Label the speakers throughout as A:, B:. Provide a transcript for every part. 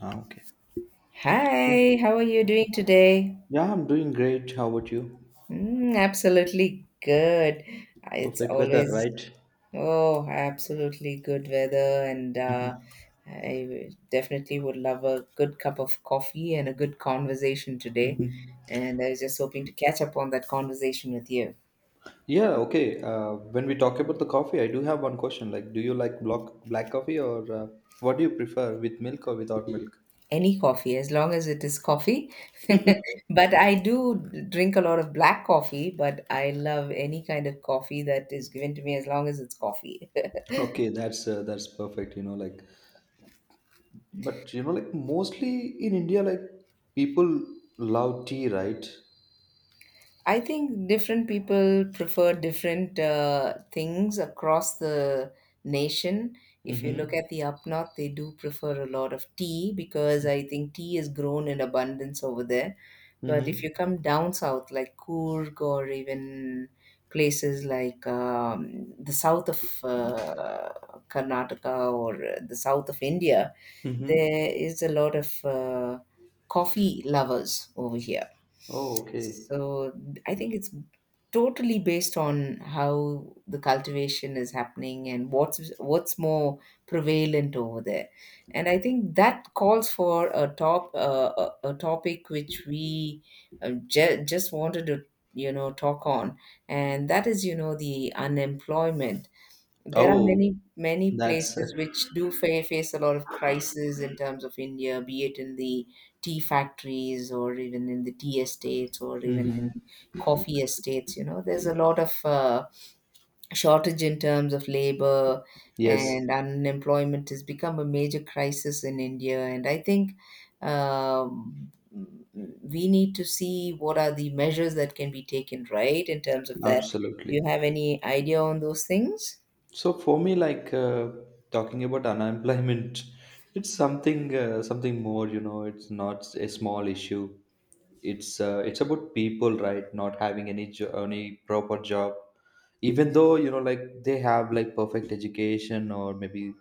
A: Ah, okay. Yeah,
B: Hi, how are you doing today?
A: I'm doing great. How about you?
B: Mm, absolutely good. Uh, It's
A: Perfect weather,
B: always,
A: right?
B: oh, absolutely good weather, and uh, I w- definitely would love a good cup of coffee and a good conversation today. And I was just hoping to catch up on that conversation with you.
A: Yeah, okay. When we talk about the coffee, I do have one question. Like, do you like block black coffee or what do you prefer, with milk or without milk?
B: Any coffee, as long as it is coffee. But I do drink a lot of black coffee, but I love any kind of coffee that is given to me as long as it's coffee.
A: Okay, that's perfect, like, but like, mostly in India, like, people love tea, right?
B: I think different people prefer different things across the nation. If you look
A: Mm-hmm.
B: at the up north, they do prefer a lot of tea because I think tea is grown in abundance over there. But if
A: Mm-hmm.
B: you come down south, like Coorg or even places like the south of Karnataka or the south of India,
A: Mm-hmm.
B: there is a lot of coffee lovers over here.
A: Oh, okay.
B: So I think it's totally based on how the cultivation is happening and what's more prevalent over there. And I think that calls for a topic which we just wanted to talk on, and that is the unemployment. There are
A: Oh,
B: many, many
A: that's
B: places which do face a lot of crisis in terms of India, be it in the tea factories or even in the tea estates or even in
A: mm-hmm.
B: coffee estates. You know, there's a lot of shortage in terms of labor,
A: Yes,
B: and unemployment has become a major crisis in India. And I think um, we need to see what are the measures that can be taken, right, in terms of that. Do
A: absolutely.
B: you have any idea on those things?
A: So for me, like, talking about unemployment, it's something something more. You know, it's not a small issue. It's about people, right? Not having any proper job, even though, like, they have, like, perfect education, or maybe,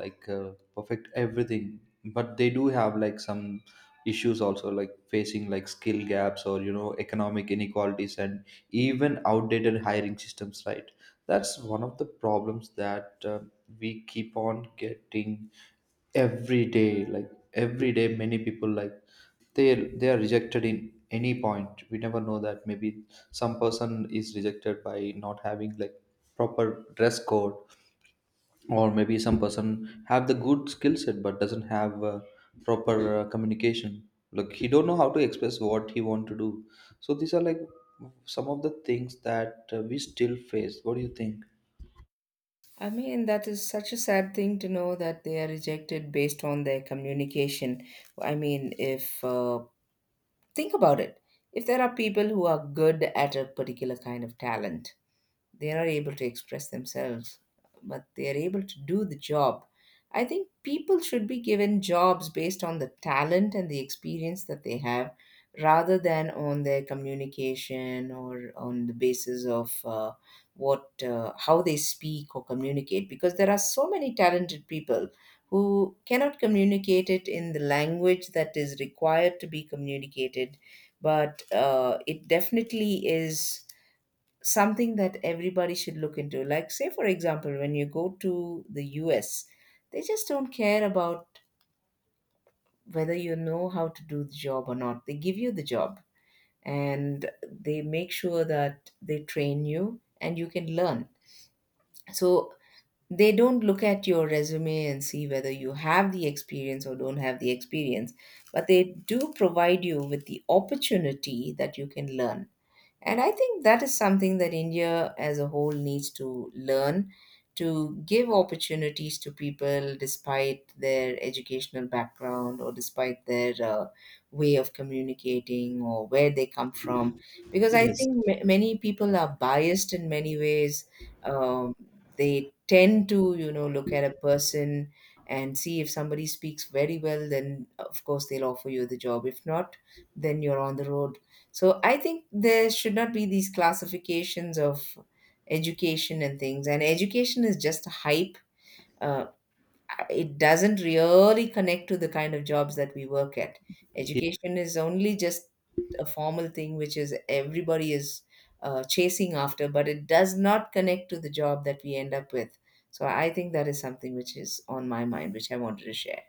A: like, perfect everything, but they do have, like, some issues also, like facing, like, skill gaps, or economic inequalities, and even outdated hiring systems, right? That's one of the problems that we keep on getting every day. Every day, many people, like, they are rejected. In any point, we never know, that maybe some person is rejected by not having, like, proper dress code, or maybe some person have the good skill set but doesn't have proper communication, like, he don't know how to express what he want to do. So these are, like, some of the things that we still face. What do you think?
B: I mean, that is such a sad thing to know that they are rejected based on their communication. I mean, if think about it, if there are people who are good at a particular kind of talent, they are not able to express themselves but they are able to do the job. I think people should be given jobs based on the talent and the experience that they have rather than on their communication or on the basis of what how they speak or communicate, because there are so many talented people who cannot communicate it in the language that is required to be communicated. But it definitely is something that everybody should look into. Like, say, for example, when you go to the US, they just don't care about whether you know how to do the job or not. They give you the job and they make sure that they train you and you can learn. So, they don't look at your resume and see whether you have the experience or don't have the experience, but they do provide you with the opportunity that you can learn. And I think that is something that India as a whole needs to learn, to give opportunities to people despite their educational background or despite their way of communicating or where they come from. Because I
A: Yes.
B: think many people are biased in many ways. Um, they tend to, you know, look at a person and see, if somebody speaks very well, then of course they'll offer you the job. If not, then you're on the road. So I think there should not be these classifications of education and things. And education is just a hype. Uh, it doesn't really connect to the kind of jobs that we work at. Education is only just a formal thing which is everybody is chasing after, but it does not connect to the job that we end up with. So I think that is something which is on my mind, which I wanted to share.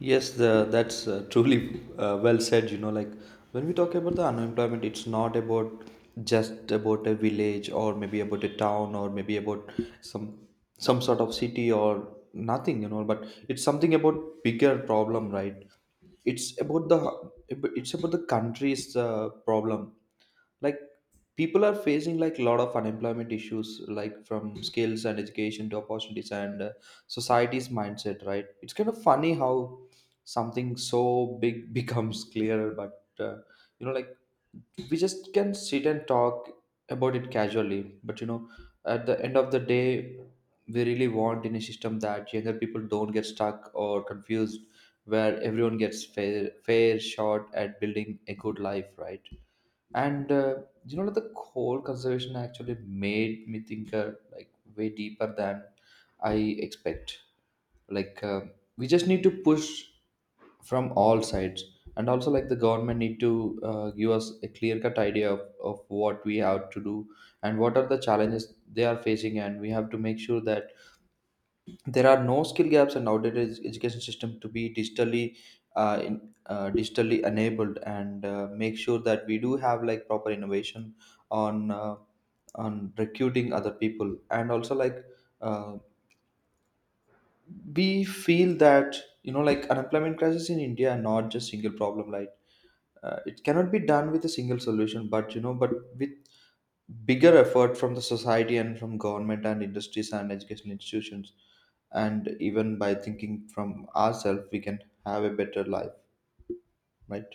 A: Yes, that's truly well said. You know, like, when we talk about the unemployment, it's not about, just about a village, or maybe about a town, or maybe about some sort of city or nothing. You know, but it's something about bigger problem, right? It's about the, it's about the country's problem. Like, people are facing, like, a lot of unemployment issues, like, from skills and education to opportunities, and society's mindset, right? It's kind of funny how something so big becomes clearer, but like, we just can sit and talk about it casually. But at the end of the day, we really want in a system that younger people don't get stuck or confused, where everyone gets fair shot at building a good life, right? And like, the whole conservation actually made me think, like, way deeper than I expect. Like uh, we just need to push from all sides, and also, like, the government need to give us a clear cut idea of what we have to do, and what are the challenges they are facing. And we have to make sure that there are no skill gaps in outdated education system, to be digitally, digitally enabled, and make sure that we do have, like, proper innovation on uh, on recruiting other people. And also, like, uh, we feel that, like, unemployment crisis in india are not just single problem, like, it cannot be done with a single solution, but but with bigger effort from the society, and from government, and industries, and education institutions, and even by thinking from ourselves, we can have a better life, right?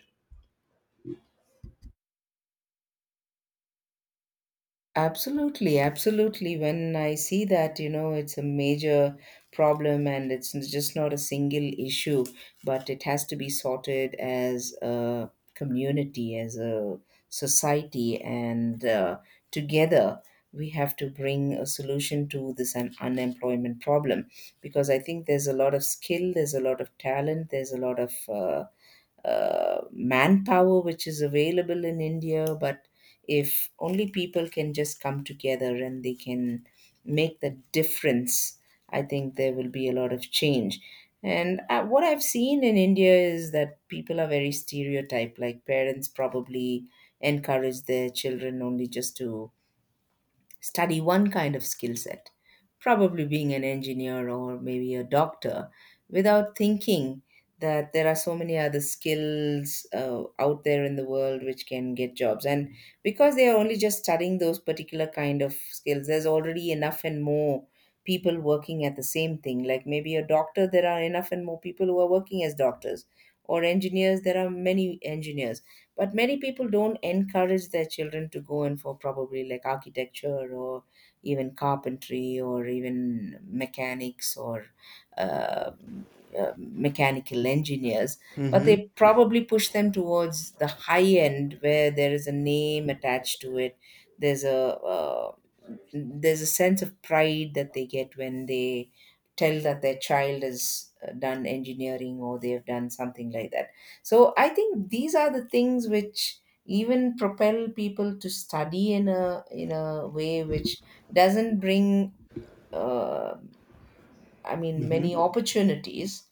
B: Absolutely, absolutely. When I see that, you know, it's a major problem and it's just not a single issue, but it has to be sorted as a community, as a society, and together we have to bring a solution to this unemployment problem, because I think there's a lot of skill, there's a lot of talent, there's a lot of manpower which is available in India. But if only people can just come together and they can make the difference, I think there will be a lot of change. And what I've seen in India is that people are very stereotyped. Like parents probably encourage their children only just to study one kind of skill set, probably being an engineer or maybe a doctor, without thinking that there are so many other skills out there in the world which can get jobs. And because they are only just studying those particular kind of skills, there's already enough and more people working at the same thing. Like maybe a doctor, there are enough and more people who are working as doctors. Or engineers, there are many engineers, but many people don't encourage their children to go in for probably like architecture or even carpentry or even mechanics or uh, mechanical engineers. But
A: Mm-hmm.
B: they probably push them towards the high end where there is a name attached to it, there's a uh, there's a sense of pride that they get when they tell that their child has done engineering or they've done something like that. So I think these are the things which even propel people to study in a way which doesn't bring uh, I mean, many
A: Mm-hmm.
B: opportunities,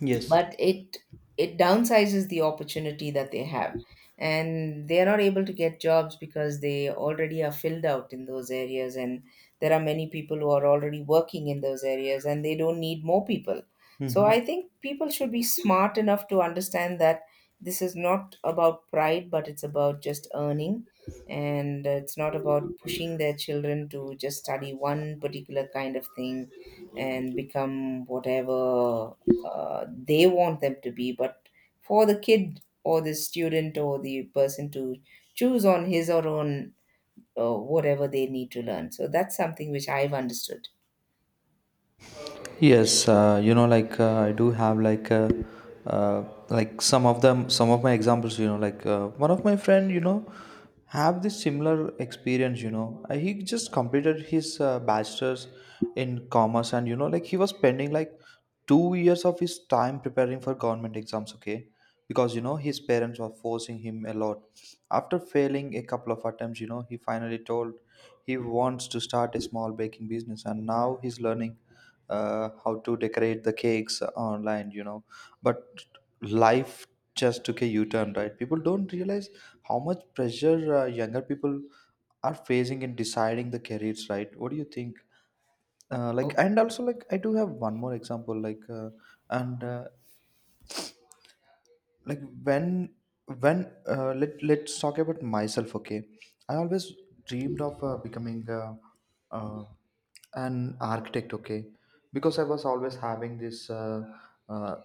A: Yes.
B: but it downsizes the opportunity that they have, and they are not able to get jobs because they already are filled out in those areas, and there are many people who are already working in those areas and they don't need more people. So
A: Mm-hmm.
B: I think people should be smart enough to understand that this is not about pride but it's about just earning. And it's not about pushing their children to just study one particular kind of thing and become whatever they want them to be, but for the kid or the student or the person to choose on his or own whatever they need to learn. So that's something which I've understood.
A: Yes, like, I do have like, uh, like, some of my examples. You know, like, one of my friend, have this similar experience. He just completed his bachelor's in commerce, and like, he was spending like 2 years of his time preparing for government exams. Okay, because his parents were forcing him a lot. After failing a couple of attempts, he finally told he wants to start a small baking business, and now he's learning how to decorate the cakes online, but life just took a u-turn, right? People don't realize how much pressure younger people are facing in deciding the careers, right? What do you think? And also, like, I do have one more example, like, and like, let's talk about myself. Okay, I always dreamed of becoming uh, an architect. Okay, because I was always having this uh,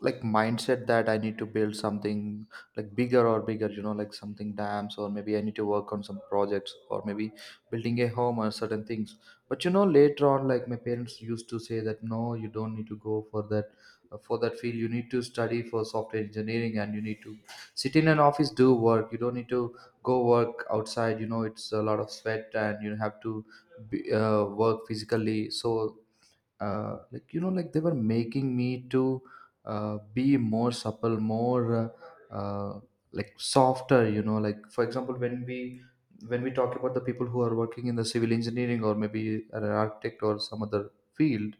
A: like, mindset that I need to build something like bigger or bigger, like, something dams, or maybe I need to work on some projects, or maybe building a home or certain things. But later on, like, my parents used to say that, no, you don't need to go for that, field. You need to study for software engineering, and you need to sit in an office, do work. You don't need to go work outside. It's a lot of sweat, and you have to work physically. So like, like, they were making me to be more supple, more, uh, uh, like, softer. Like, for example, when we talk about the people who are working in the civil engineering, or maybe an architect, or some other field,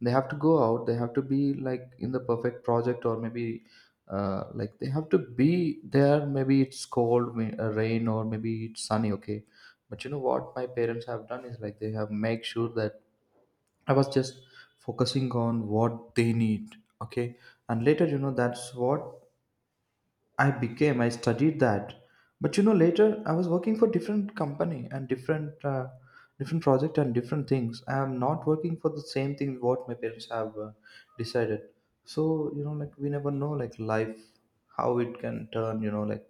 A: they have to go out, they have to be like in the perfect project. Or maybe, like, they have to be there maybe it's cold, rain, or maybe it's sunny. Okay, but you know what my parents have done is, like, they have make sure that I was just focusing on what they need. Okay. And later, that's what I became, I studied that. But later I was working for different company, and different project, and different things. I am not working for the same thing what my parents have decided. So like, we never know, like, life, how it can turn.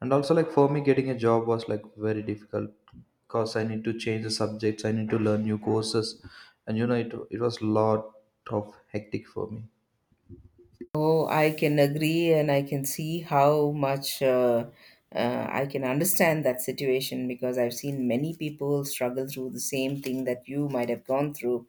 A: And also, like, for me, getting a job was, like, very difficult, because I need to change the subjects, I need to learn new courses. And it was lot of hectic for me.
B: Oh, I can agree, and I can see how much I can understand that situation because I've seen many people struggle through the same thing that you might have gone through.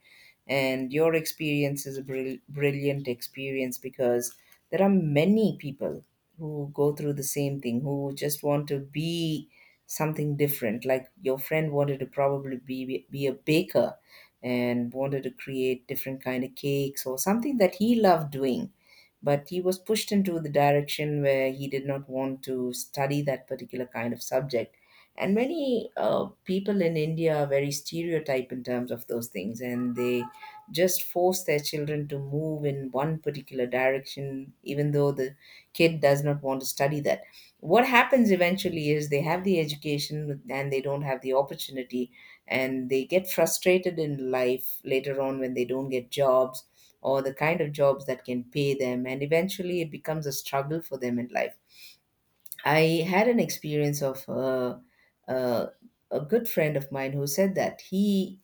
B: And your experience is a brilliant experience because there are many people who go through the same thing, who just want to be something different. Like your friend wanted to probably be a baker and wanted to create different kind of cakes or something that he loved doing, but he was pushed into the direction where he did not want to study that particular kind of subject. And many people in India are very stereotype in terms of those things, and they just force their children to move in one particular direction, even though the kid does not want to study that. What happens eventually is they have the education and they don't have the opportunity, and they get frustrated in life later on when they don't get jobs or the kind of jobs that can pay them, and eventually it becomes a struggle for them in life. I had an experience of uh, a good friend of mine who said that he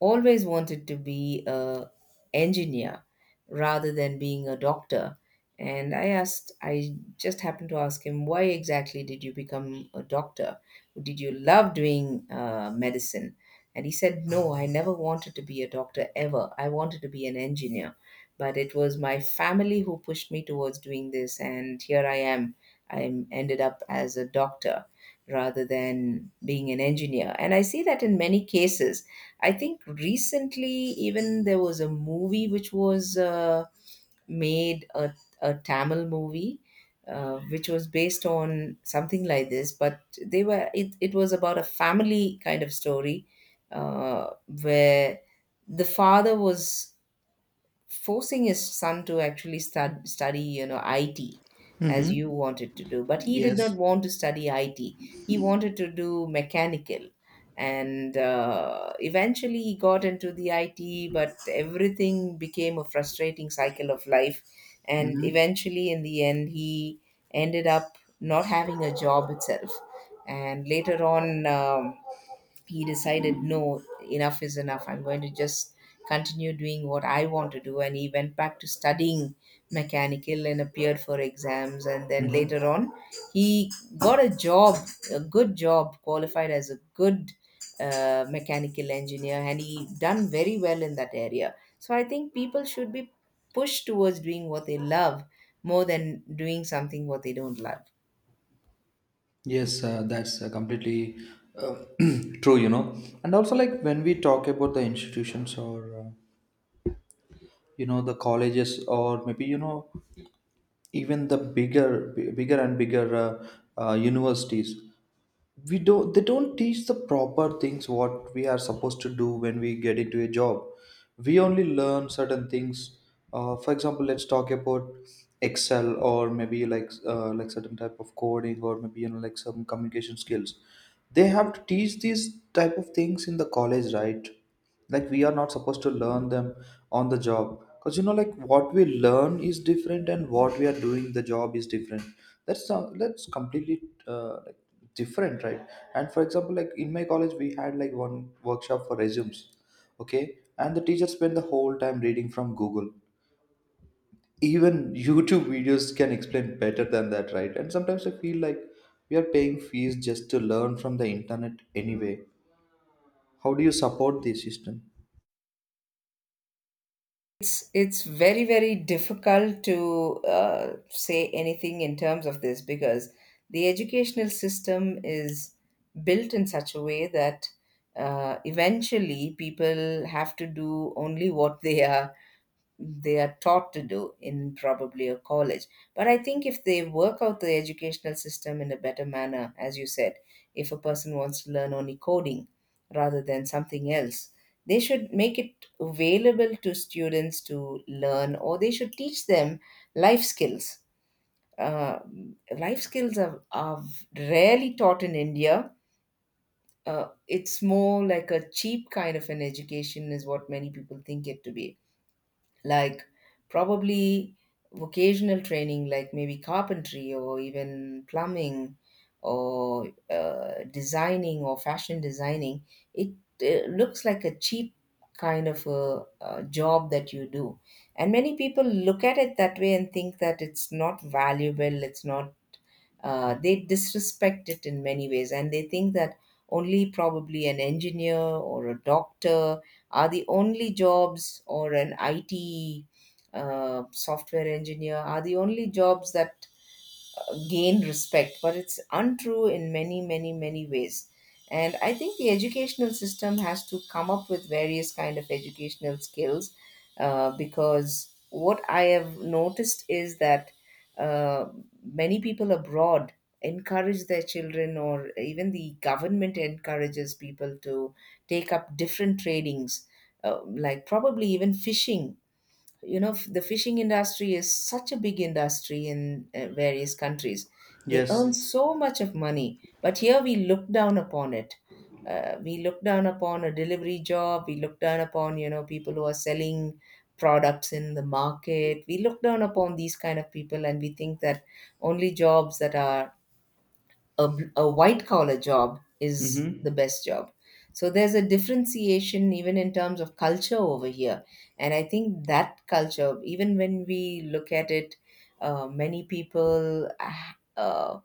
B: always wanted to be a engineer rather than being a doctor. And I asked, I just happened to ask him, why exactly did you become a doctor? Did you love doing medicine? And he said, no, I never wanted to be a doctor ever. I wanted to be an engineer, but it was my family who pushed me towards doing this, and here I am. I ended up as a doctor rather than being an engineer. And I see that in many cases. I think recently, even there was a movie which was made a, a Tamil movie, which was based on something like this. But they were, it was about a family kind of story where the father was forcing his son to actually study, you know, IT, as
A: Mm-hmm.
B: you wanted to do. But he did
A: Yes.
B: not want to study IT. He wanted to do mechanical. And eventually he got into the IT, but everything became a frustrating cycle of life. And
A: Mm-hmm.
B: eventually, in the end, he ended up not having a job itself. And later on, he decided no, enough is enough. I'm going to just continue doing what I want to do. And he went back to studying mechanical and appeared for exams, and then later on he got a job, a good job, qualified as a good mechanical engineer, and he done very well in that area. So I think people should be pushed towards doing what they love more than doing something what they don't love.
A: Yes, that's completely uh, true. And also, like, when we talk about the institutions, or the colleges, or maybe even the bigger and bigger universities, we don't they don't teach the proper things what we are supposed to do when we get into a job. We only learn certain things. For example, let's talk about excel, or maybe like, like, certain type of coding, or maybe, like, some communication skills. They have to teach these type of things in the college, right? Like, we are not supposed to learn them on the job, because like, what we learn is different, and what we are doing the job is different. That's not, that's completely, like, different, right? And for example, like, in my college, we had like one workshop for resumes. Okay, and the teacher spent the whole time reading from google. Even youtube videos can explain better than that, right? And sometimes I feel like we are paying fees just to learn from the internet anyway. How do you support the system?
B: It's very very difficult to say anything in terms of this, because the educational system is built in such a way that eventually people have to do only what they are taught to do in probably a college. But I think if they work out the educational system in a better manner, as you said, if a person wants to learn only coding rather than something else, they should make it available to students to learn, or they should teach them life skills. Uh, Life skills are rarely taught in India. It's more like a cheap kind of an education, is what many people think it to be, like probably vocational training, like maybe carpentry or even plumbing or designing or fashion designing. It looks like a cheap kind of a job that you do, and many people look at it that way and think that it's not valuable, it's not, they disrespect it in many ways, and they think that only probably an engineer or a doctor are the only jobs, or an IT software engineer are the only jobs that gain respect, but it's untrue in many, many, many ways. And I think the educational system has to come up with various kind of educational skills, because what I have noticed is that uh, many people abroad encourage their children, or even the government encourages people to take up different tradings, like probably even fishing. You know, the fishing industry is such a big industry in various countries. They earn
A: Yes.
B: so much of money, but here we look down upon it. Uh, we look down upon a delivery job, we look down upon, you know, people who are selling products in the market. We look down upon these kind of people, and we think that only jobs that are a white collar job is the
A: Mhm.
B: best job. So there's a differentiation even in terms of culture over here. And I think that culture, even when we look at it, many people, uh,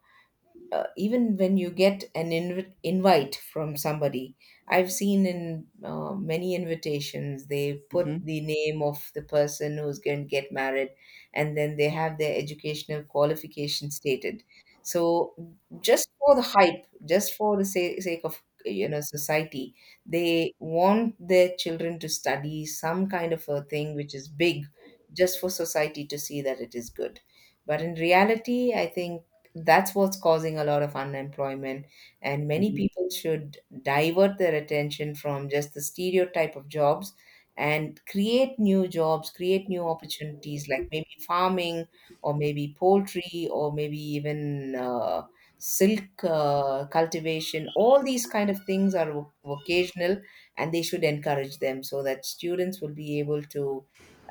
B: even when you get an invite from somebody, I've seen in many invitations, they put the
A: Mhm.
B: name of the person who's going to get married, and then they have their educational qualification stated. So just for the hype, just for the sake of, you know, society, they want their children to study some kind of a thing which is big, just for society to see that it is good. But in reality, I think that's what's causing a lot of unemployment. And many
A: Mhm.
B: people should divert their attention from just the stereotype of jobs and create new jobs, create new opportunities, like maybe farming or maybe poultry or maybe even silk cultivation. All these kind of things are vocational, and they should encourage them so that students will be able to.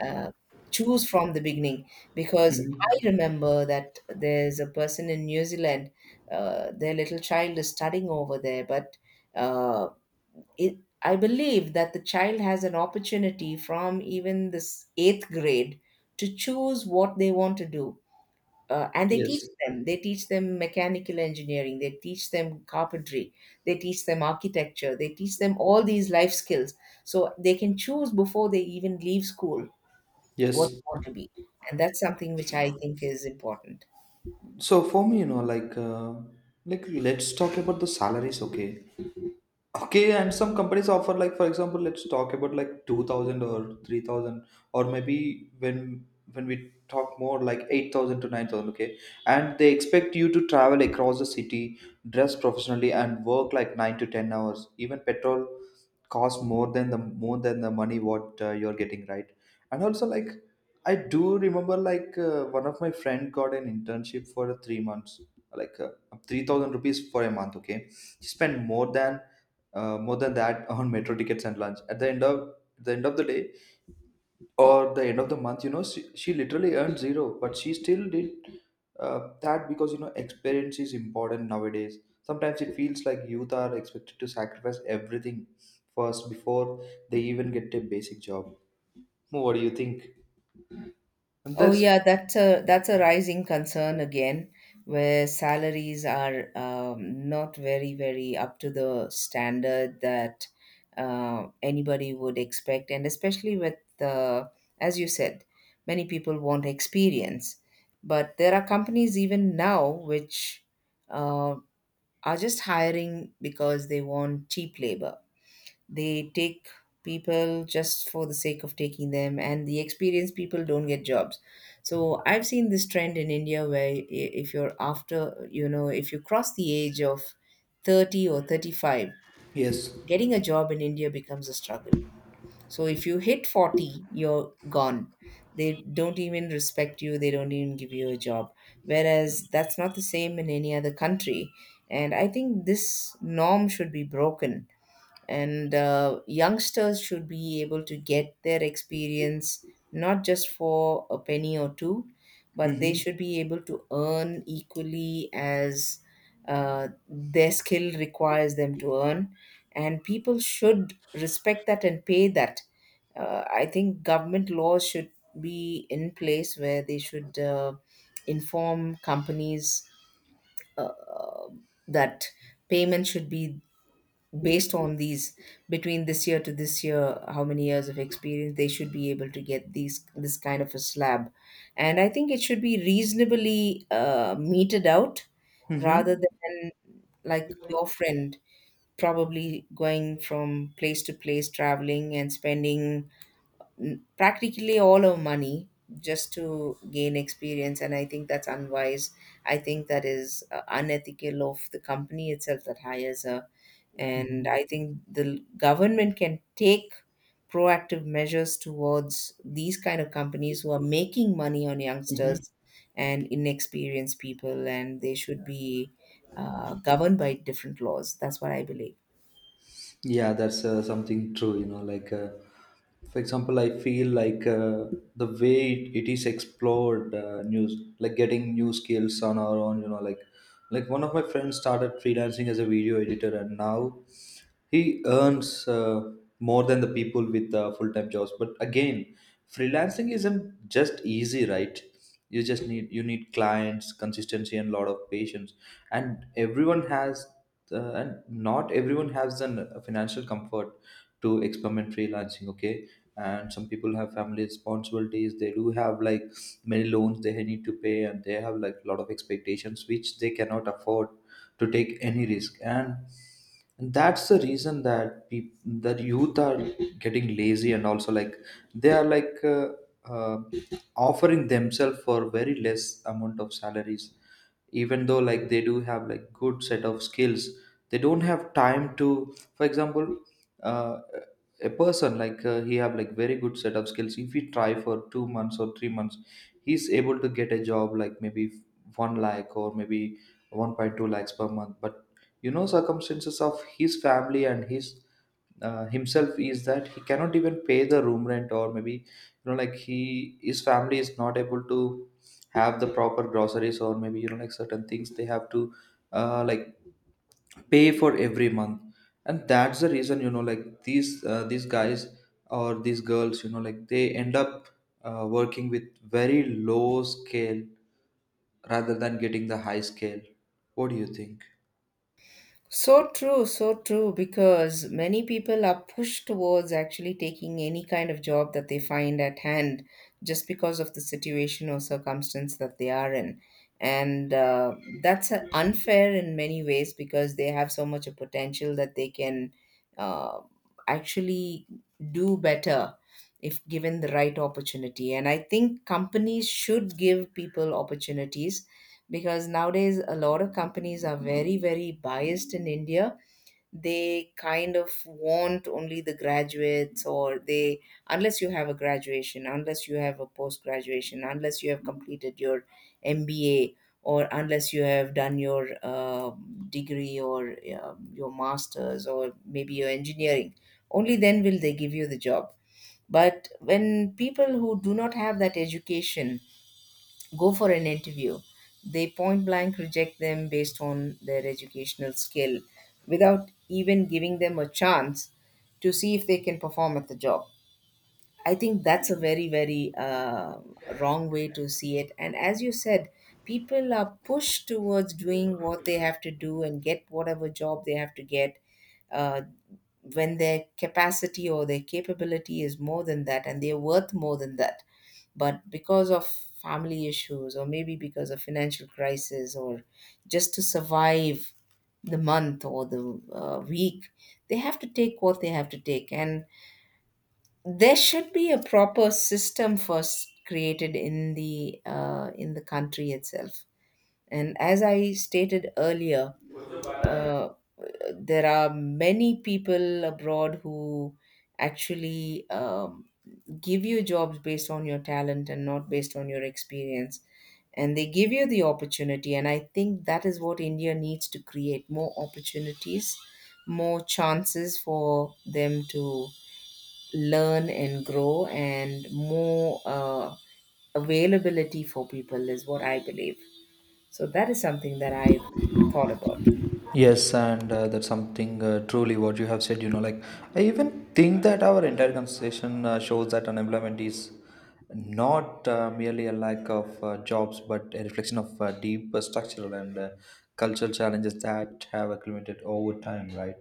B: Uh, choose from the beginning, because
A: Mhm.
B: I remember that there's a person in New Zealand, their little child is studying over there, but uh, I believe that the child has an opportunity from even this eighth grade to choose what they want to do. And they teach
A: Yes.
B: them. They teach them mechanical engineering. They teach them carpentry. They teach them architecture. They teach them all these life skills. So they can choose before they even leave school what they
A: Yes.
B: want to be. And that's something which I think is important.
A: So for me, like, let's talk about the salaries, okay? Okay, and some companies offer, like, for example, let's talk about, like, 2,000 or 3,000, or maybe when we talk more like 8,000 to 9,000. Okay, and they expect you to travel across the city, dress professionally, and work like 9 to 10 hours. Even petrol costs more than the money what you're getting, right? And also, like, I do remember, like, one of my friend got an internship for 3 months, like, 3,000 rupees for a month. Okay, she spent more than that on metro tickets and lunch at the end of the day, or the end of the month. She literally earned zero, but she still did that, because experience is important nowadays. Sometimes it feels like youth are expected to sacrifice everything first, before they even get a basic job. What do you think? And
B: Oh
A: that's,
B: yeah, that's a rising concern again, where salaries are not very very up to the standard that anybody would expect, and especially with the, as you said, many people want experience, but there are companies even now which uh, are just hiring because they want cheap labor. They take people just for the sake of taking them, and the experienced people don't get jobs. So I've seen this trend in India where if you're after, you know, if you cross the age of 30 or 35,
A: yes.
B: getting a job in India becomes a struggle. So if you hit 40, you're gone. They don't even respect you, they don't even give you a job. Whereas that's not the same in any other country. And I think this norm should be broken, and youngsters should be able to get their experience, not just for a penny or two, but they
A: Mm-hmm.
B: should be able to earn equally as their skill requires them to earn, and people should respect that and pay that. Uh, I think government laws should be in place where they should inform companies uh, that payment should be based on these, between this year to this year, how many years of experience, they should be able to get these, this kind of a slab. And I think it should be reasonably meted out rather
A: Mm-hmm.
B: than, like your friend, probably going from place to place traveling and spending practically all our money just to gain experience. And I think that's unwise. I think that is unethical of the company itself that hires her, and
A: Mm-hmm.
B: I think the government can take proactive measures towards these kind of companies who are making money on
A: Mm-hmm.
B: youngsters and inexperienced people, and they should be governed by different laws. That's what I believe.
A: Yeah, that's something true. For example, I feel like, the way it is explored, news like getting new skills on our own. Like one of my friends started freelancing as a video editor, and now he earns more than the people with full time jobs. But again, freelancing isn't just easy, right? You need clients, consistency, and a lot of patience. And everyone has and not everyone has the financial comfort to experiment freelancing. Okay, and some people have family responsibilities. They do have, like, many loans they need to pay, and they have, like, a lot of expectations, which they cannot afford to take any risk. And that's the reason, that people that youth are getting lazy. And also, like, they are, like, uh, offering themselves for very less amount of salaries, even though, like, they do have, like, good set of skills. They don't have time to, for example, uh, a person like, he have like very good set of skills. If he try for 2 months or 3 months, he's able to get a job, like maybe one lakh, or maybe 1.2 lakhs per month. But circumstances of his family, and his himself, is that he cannot even pay the room rent. Or maybe, like, he his family is not able to have the proper groceries, or maybe like, certain things they have to, like, pay for every month. And that's the reason, like, these guys or these girls, like, they end up working with very low scale, rather than getting the high scale. What do you think?
B: So true, because many people are pushed towards actually taking any kind of job that they find at hand, just because of the situation or circumstance that they are in. And that's unfair in many ways, because they have so much of potential that they can uh, actually do better if given the right opportunity. And I think companies should give people opportunities, because nowadays a lot of companies are very very biased in India. They kind of want only the graduates, or they, unless you have a graduation, unless you have a post graduation, unless you have completed your MBA, or unless you have done your degree or your masters or maybe your engineering, only then will they give you the job. But when people who do not have that education go for an interview, they point blank reject them based on their educational skill, without even giving them a chance to see if they can perform at the job. I think that's a very, very wrong way to see it. And as you said, people are pushed towards doing what they have to do and get whatever job they have to get. Uh, when their capacity or their capability is more than that, and they're worth more than that, but because of family issues, or maybe because of financial crisis, or just to survive the month or the week, they have to take what they have to take. And there should be a proper system first created in the country itself. And as I stated earlier, uh, there are many people abroad who actually give you jobs based on your talent and not based on your experience, and they give you the opportunity. And I think that is what India needs, to create more opportunities, more chances for them to learn and grow, and more availability for people, is what I believe. So that is something that I've thought about.
A: Yes, and that's something truly what you have said. I even think that our entire conversation shows that unemployment is not merely a lack of jobs, but a reflection of deep, structural, and cultural challenges that have accumulated over time, right?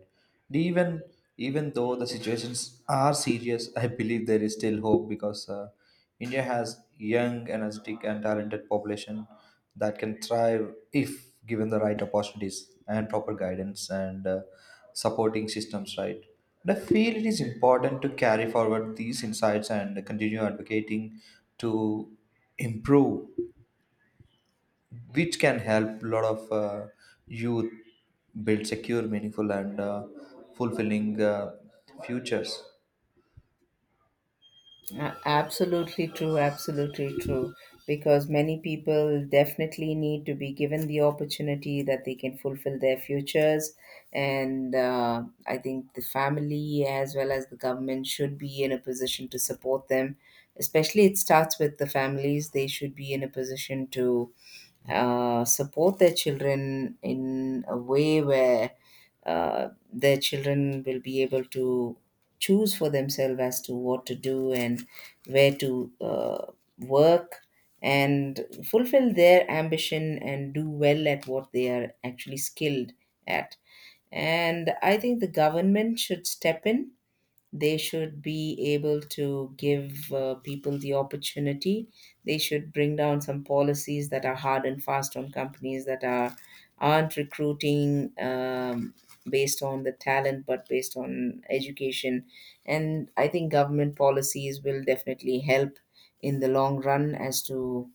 A: Even even though the situations are serious, I believe there is still hope, because India has young, energetic, and talented population that can thrive if given the right opportunities, and proper guidance, and supporting systems. Right, and I feel it is important to carry forward these insights and continue advocating to improve, which can help a lot of youth build secure, meaningful, and fulfilling, futures.
B: Absolutely true, absolutely true. Because many people definitely need to be given the opportunity that they can fulfill their futures. And I think the family as well as the government should be in a position to support them. Especially, it starts with the families. They should be in a position to support their children in a way where their children will be able to choose for themselves as to what to do, and where to work, and fulfill their ambition and do well at what they are actually skilled at. And I think the government should step in, they should be able to give people the opportunity. They should bring down some policies that are hard and fast on companies that are, aren't recruiting based on the talent but based on education. And I think government policies will definitely help in the long run as to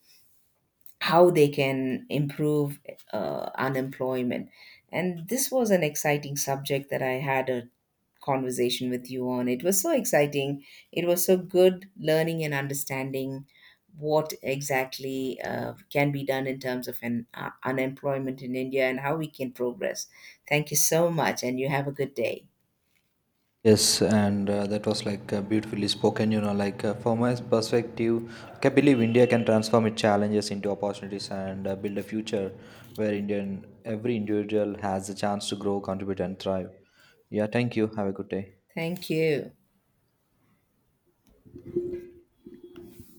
B: how they can improve unemployment. And this was an exciting subject that I had a conversation with you on. It was so exciting. It was so good learning and understanding what exactly can be done in terms of an, unemployment in India and how we can progress. Thank you so much, and you have a good day.
A: Yes, and that was like, beautifully spoken. Like, from my perspective, like, I believe India can transform its challenges into opportunities, and build a future where Indian every individual has the chance to grow, contribute, and thrive. Yeah, thank you. Have a good day.
B: Thank you.